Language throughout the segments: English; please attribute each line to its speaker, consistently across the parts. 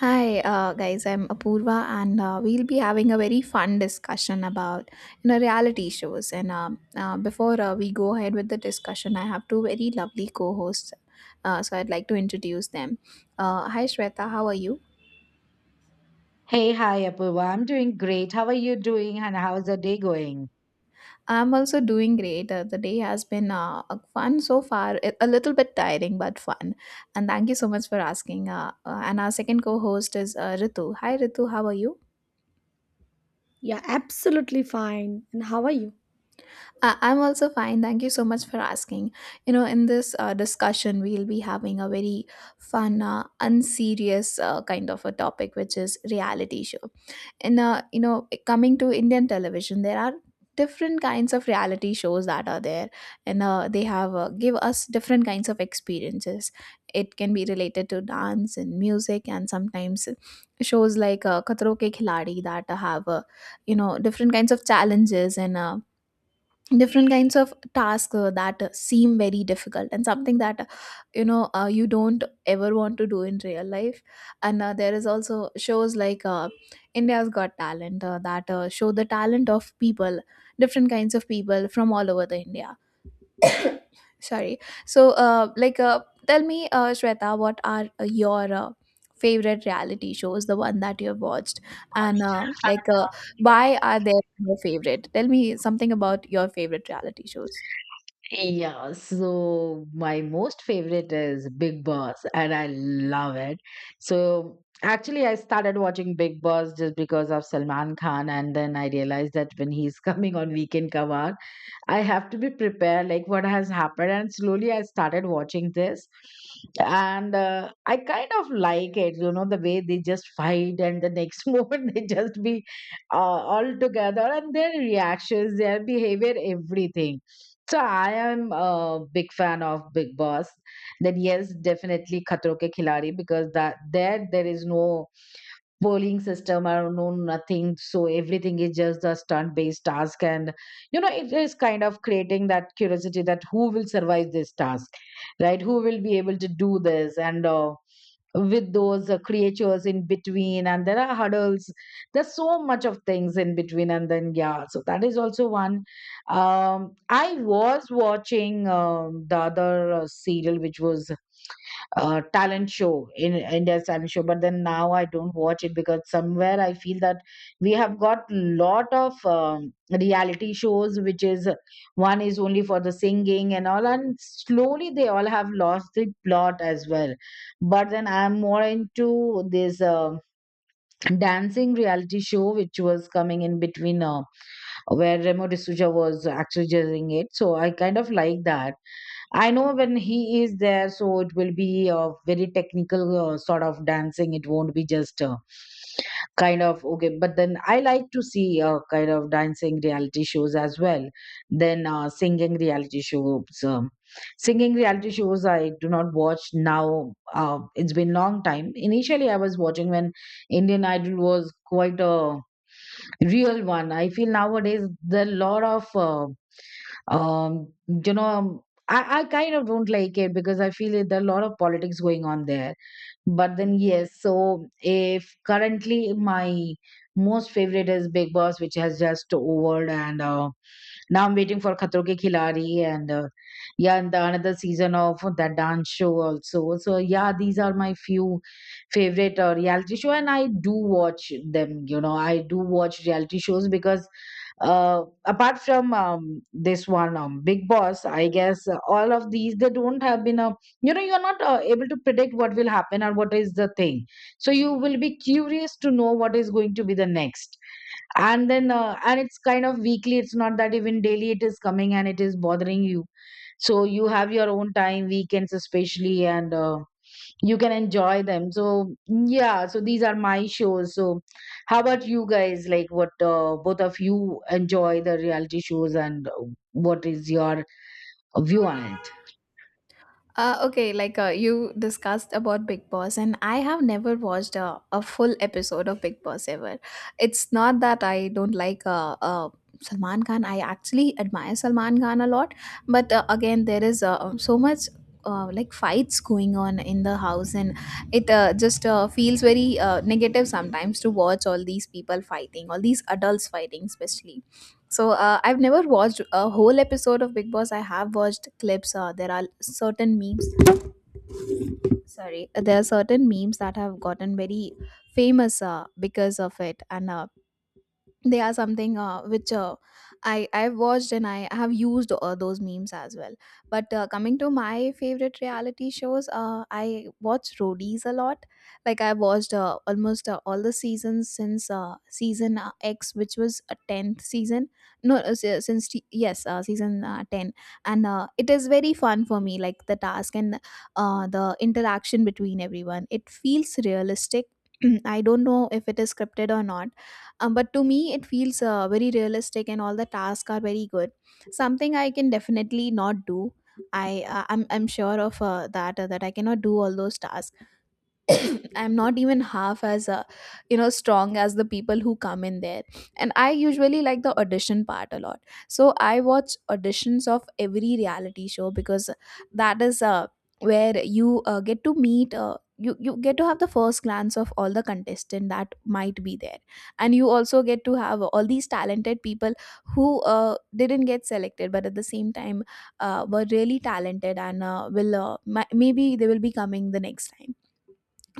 Speaker 1: Hi, guys. I'm Apurva, and we'll be having a very fun discussion about reality shows. And before we go ahead with the discussion, I have two very lovely co-hosts, so I'd like to introduce them. Hi, Shweta. How are you?
Speaker 2: Hey, hi, Apurva. I'm doing great. How are you doing, and how's the day going?
Speaker 1: I'm also doing great. The day has been fun so far. A little bit tiring, but fun. And thank you so much for asking. And our second co-host is Ritu. Hi, Ritu. How are you?
Speaker 3: Yeah, absolutely fine. And how are you?
Speaker 1: I'm also fine. Thank you so much for asking. You know, in this discussion, we'll be having a very fun, unserious kind of a topic, which is reality show. And you know, coming to Indian television, there are different kinds of reality shows that are there, and they have give us different kinds of experiences. It can be related to dance and music, and sometimes shows like Khatro Ke Khiladi that have different kinds of challenges and. Different kinds of tasks that seem very difficult and something that you don't ever want to do in real life, and there is also shows like India's Got Talent that show the talent of people, different kinds of people from all over the India. Sorry. So tell me, Shweta, what are your favorite reality shows, the one that you have watched, and why are they your favorite? Tell me something about your favorite reality shows.
Speaker 2: Yeah, so my most favorite is Big Boss, and I love it. So actually, I started watching Big Boss just because of Salman Khan, and then I realized that when he's coming on Weekend Kavar, I have to be prepared, like what has happened. And slowly, I started watching this, and I kind of like it, you know, the way they just fight, and the next moment they just be all together, and their reactions, their behavior, everything. So I am a big fan of Big Boss. Then yes, definitely Khatro Ke Khiladi because that there is no polling system or no nothing. So everything is just a stunt based task, and you know it is kind of creating that curiosity that who will survive this task, right? Who will be able to do this and. With those creatures in between, and there are hurdles, there's so much of things in between, and then yeah, so that is also one. I was watching the other serial which was talent show, in India's talent show, but then now I don't watch it because somewhere I feel that we have got lot of reality shows, which is one is only for the singing and all, and slowly they all have lost the plot as well. But then I'm more into this dancing reality show, which was coming in between, where Remo D'Souza was actually judging it, so I kind of like that. I know when he is there, so it will be a very technical sort of dancing. It won't be just kind of okay. But then I like to see kind of dancing reality shows as well. Then singing reality shows. Singing reality shows I do not watch now. It's been long time. Initially, I was watching when Indian Idol was quite a real one. I feel nowadays there are a lot of um you know um, I kind of don't like it because I feel it, there are a lot of politics going on there. But then, yes, so if currently my most favorite is Big Boss, which has just over, and now I'm waiting for Khatro Ke Khiladi and yeah, and the another season of that dance show also. So yeah, these are my few favorite reality show, and I do watch them. You know, I do watch reality shows because apart from this one, Big Boss, I guess all of these, they don't have been a, you know, you're not able to predict what will happen or what is the thing, so you will be curious to know what is going to be the next. And then and it's kind of weekly, it's not that even daily it is coming and it is bothering you, so you have your own time, weekends especially, and you can enjoy them. So yeah, so these are my shows. So how about you guys, like what both of you enjoy the reality shows and what is your view on it?
Speaker 1: Okay, like you discussed about Big Boss, and I have never watched a full episode of Big Boss ever. It's not that I don't like Salman Khan. I actually admire Salman Khan a lot, but again, there is so much. Like fights going on in the house, and it just feels very negative sometimes to watch all these people fighting, all these adults fighting especially. So I've never watched a whole episode of Big Boss. I have watched clips. There are certain memes. Sorry, there are certain memes that have gotten very famous because of it, and they are something which I've watched, and I have used those memes as well. But coming to my favorite reality shows, I watch Roadies a lot. Like I watched almost all the seasons since season X, which was a tenth season. No, yes, season ten, and it is very fun for me. Like the task and the interaction between everyone, it feels realistic. I don't know if it is scripted or not, but to me, it feels very realistic, and all the tasks are very good. Something I can definitely not do. I'm sure of that that I cannot do all those tasks. I'm not even half as strong as the people who come in there, and I usually like the audition part a lot. So I watch auditions of every reality show because that is where you get to meet you, you get to have the first glance of all the contestant that might be there, and you also get to have all these talented people who didn't get selected but at the same time were really talented, and maybe they will be coming the next time.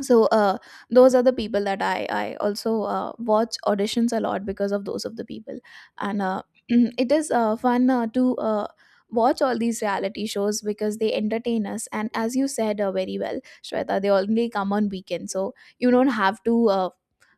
Speaker 1: So those are the people that I also watch auditions a lot because of those of the people. And it is fun to watch all these reality shows because they entertain us, and as you said very well, Shweta, they only come on weekends. So you don't have to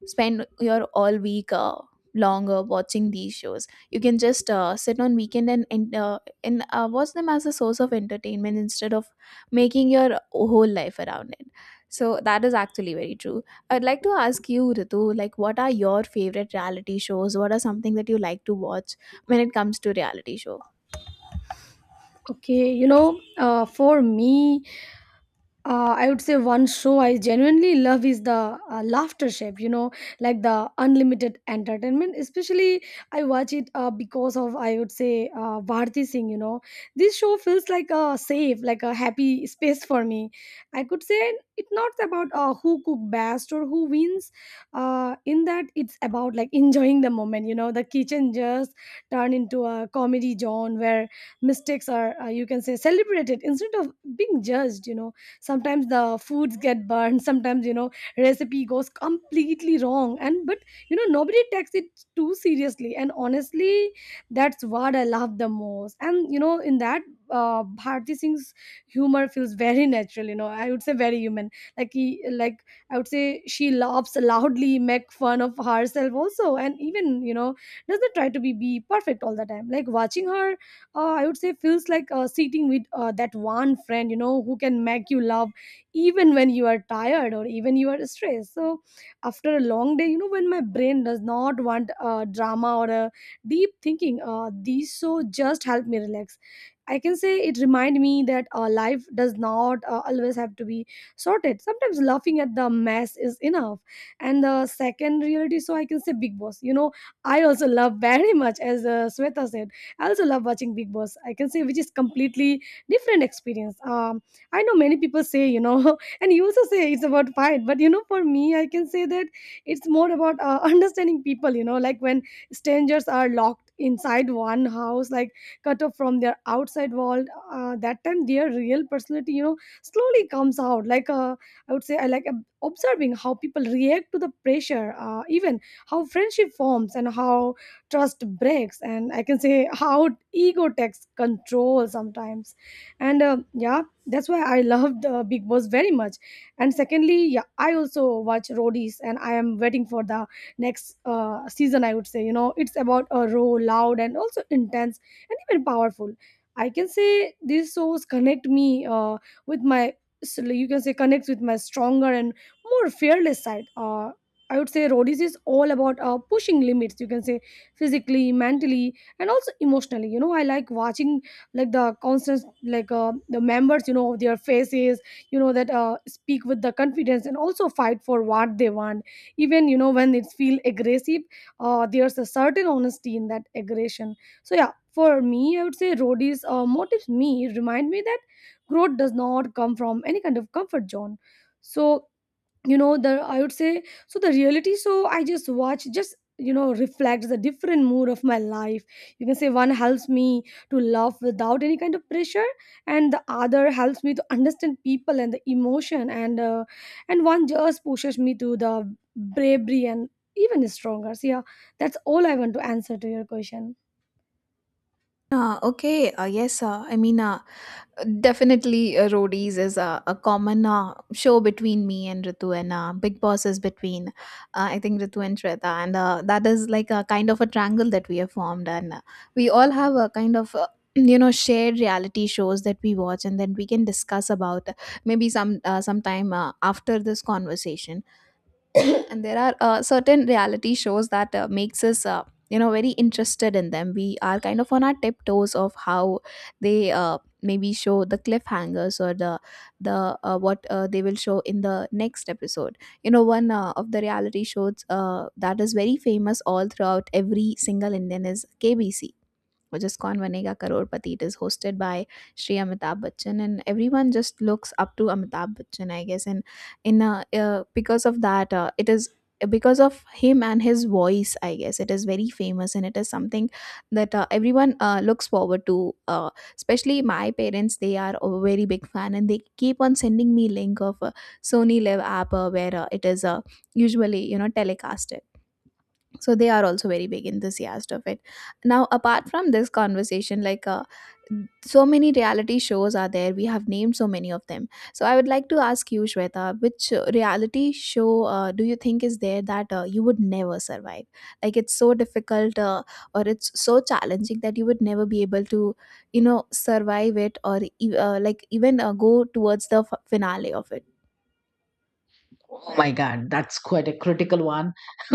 Speaker 1: spend your all week longer watching these shows. You can just sit on weekend and watch them as a source of entertainment instead of making your whole life around it. So that is actually very true. I'd like to ask you, Ritu, like what are your favorite reality shows? What are something that you like to watch when it comes to reality show?
Speaker 3: Okay, you know, for me, I would say one show I genuinely love is the Laughter Chef, you know, like the unlimited entertainment. Especially, I watch it because of, I would say, Bharti Singh, you know. This show feels like a safe, like a happy space for me. I could say it's not about who cook best or who wins. In that, it's about like enjoying the moment, you know. The kitchen just turn into a comedy zone where mistakes are, you can say, celebrated instead of being judged, you know, sometimes the foods get burned, sometimes you know recipe goes completely wrong and but you know nobody takes it too seriously, and honestly that's what I love the most. And you know, in that Bharti Singh's humor feels very natural, you know, I would say very human, like he, like I would say she laughs loudly, make fun of herself also, and even you know doesn't try to be perfect all the time. Like watching her, I would say feels like sitting with that one friend, you know, who can make you laugh even when you are tired or even you are stressed. So after a long day, you know, when my brain does not want drama or a deep thinking, these show just help me relax. I can say it remind me that life does not always have to be sorted. Sometimes laughing at the mess is enough. And the second reality, so I can say Big Boss. You know, I also love very much. As Sweta said, I also love watching Big Boss. I can say which is completely different experience. I know many people say, you know, and you also say it's about fight, but you know, for me, I can say that it's more about understanding people. You know, like when strangers are locked inside one house, like cut off from their outside world. That time, their real personality, you know, slowly comes out. I would say, I like observing how people react to the pressure, even how friendship forms, and how trust breaks, and I can say how ego takes control sometimes. And yeah, that's why I loved Big Boss very much. And secondly, yeah, I also watch Roadies, and I am waiting for the next season. I would say, you know, it's about a raw, loud, and also intense and even powerful. I can say these shows connect me, uh, with my so you can say connects with my stronger and more fearless side. I would say Roadies is all about pushing limits, you can say physically, mentally, and also emotionally. You know, I like watching like the constant, like the members, you know, their faces, you know, that speak with the confidence and also fight for what they want, even you know when it feel aggressive. There's a certain honesty in that aggression. So yeah, for me I would say Roadies motives me, remind me that growth does not come from any kind of comfort zone. So you know, the I would say so the reality so I just watch, just you know, reflects the different mood of my life. You can say one helps me to love without any kind of pressure, and the other helps me to understand people and the emotion, and one just pushes me to the bravery and even stronger. So yeah, that's all I want to answer to your question.
Speaker 1: Okay, yes, I mean, definitely Roadies is a common show between me and Ritu, and Big Boss is between, I think, Ritu and Shweta. And that is like a kind of a triangle that we have formed. And we all have a kind of, you know, shared reality shows that we watch, and then we can discuss about maybe some sometime after this conversation. And there are certain reality shows that makes us you know very interested in them. We are kind of on our tiptoes of how they maybe show the cliffhangers or the what they will show in the next episode. You know, one of the reality shows that is very famous all throughout every single Indian is KBC, which is Kaun Banega Crorepati. It is hosted by Shri Amitabh Bachchan, and everyone just looks up to Amitabh Bachchan, I guess. And in because of that, it is because of him and his voice, I guess, it is very famous, and it is something that everyone looks forward to. Especially my parents, they are a very big fan, and they keep on sending me link of Sony Live app where it is usually you know telecasted. So they are also very big enthusiast of it. Now, apart from this conversation, like so many reality shows are there, we have named so many of them. So I would like to ask you, Shweta, which reality show do you think is there that you would never survive? Like, it's so difficult, or it's so challenging that you would never be able to you know survive it or like even go towards the finale of it?
Speaker 2: Oh my God, that's quite a critical one.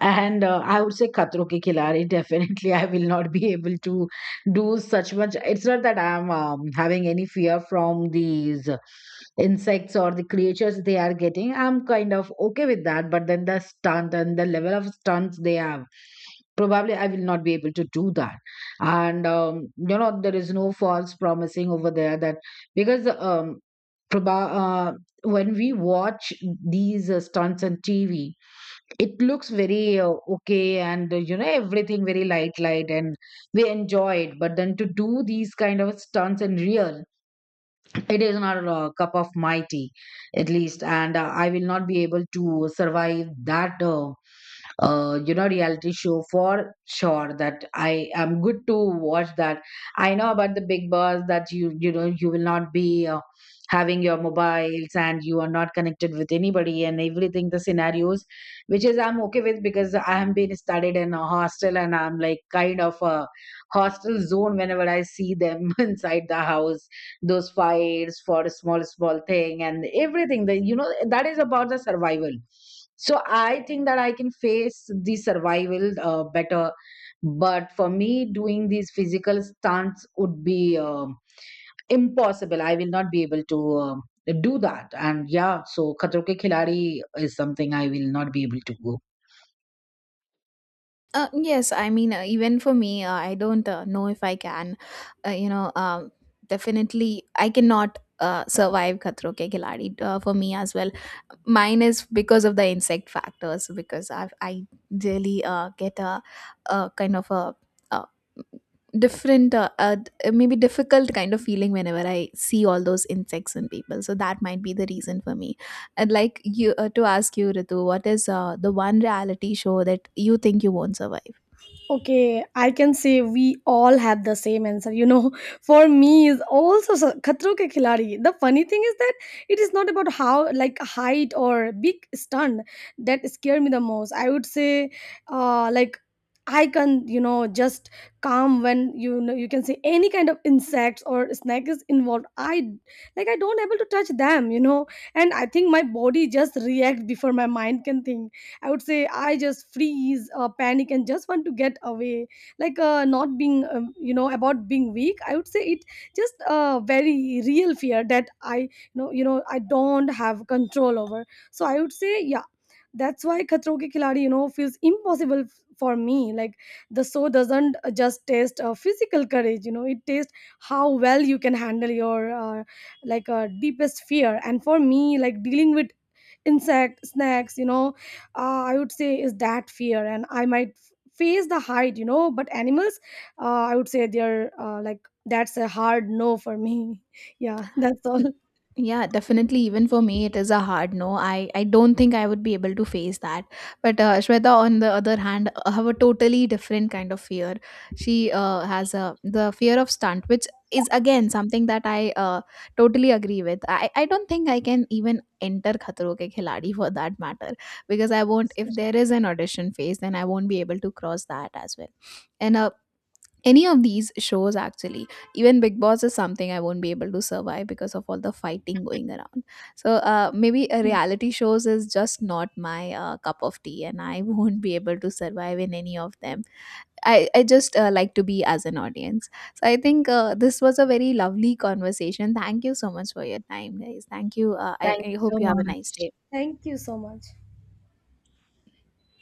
Speaker 2: And I would say Khatro Ke Khiladi. Definitely, I will not be able to do such much. It's not that I'm having any fear from these insects or the creatures they are getting. I'm kind of okay with that. But then the stunt and the level of stunts they have, probably I will not be able to do that. And you know, there is no false promising over there that because proba- uh, when we watch these stunts on TV, it looks very okay, and you know, everything very light, light, and we enjoy it. But then to do these kind of stunts in real, it is not a cup of my tea, at least, and I will not be able to survive that. You know, reality show for sure that I am good to watch that. I know about the Big Boss that you know, you will not be having your mobiles and you are not connected with anybody and everything, the scenarios which is I'm okay with, because I have been studied in a hostel and I'm like kind of a hostel zone. Whenever I see them inside the house, those fights for a small thing and everything, that you know, that is about the survival. So I think that I can face the survival better, but for me doing these physical stunts would be impossible. I will not be able to do that. And yeah, so Khatro Ke Khiladi is something I will not be able to go.
Speaker 1: Yes, I mean, even for me, I don't know if I can, uh, you know, um, definitely I cannot survive Khatro Ke Khiladi for me as well. Mine is because of the insect factors, because I really get a kind of a different, maybe difficult kind of feeling whenever I see all those insects in people. So that might be the reason for me. I'd like you to ask you, Ritu, what is the one reality show that you think you won't survive?
Speaker 3: Okay, I can say we all have the same answer. You know, for me is also Khatro Ke Khiladi. The funny thing is that it is not about how like height or big stunt that scare me the most. I would say, like I can you know just calm when you know you can say any kind of insects or snake is involved. I like I don't able to touch them. You know, and I think my body just react before my mind can think. I would say I just freeze, panic, and just want to get away. Like not being, you know, about being weak. I would say it just a very real fear that I, I don't have control over. So I would say, yeah, that's why Khatro Ke Khiladi, you know, feels impossible for me. Like the show doesn't just taste physical courage, you know, it tastes how well you can handle your deepest fear. And for me, like dealing with insect snacks, you know, I would say is that fear, and I might face the height, you know, but animals, I would say they're like that's a hard no for me. Yeah, that's all.
Speaker 1: Yeah, definitely. Even for me, it is a hard no. I don't think I would be able to face that. But Shweta, on the other hand, have a totally different kind of fear. She has a the fear of stunt, which is again something that I totally agree with. I don't think I can even enter Khatro Ke Khiladi for that matter because I won't. If there is an audition phase, then I won't be able to cross that as well. And any of these shows actually, even Big Boss is something I won't be able to survive because of all the fighting going around. So maybe a
Speaker 3: Mm.
Speaker 1: reality shows is just not my cup of tea, and I won't be able to survive in any of them. I just like to be as an audience. So I think this was a very lovely conversation. Thank you so much for your time, guys. Thank you.
Speaker 2: Thank
Speaker 1: I
Speaker 2: you
Speaker 1: hope
Speaker 2: so
Speaker 1: you have a nice
Speaker 2: much.
Speaker 1: day.
Speaker 3: Thank you so much.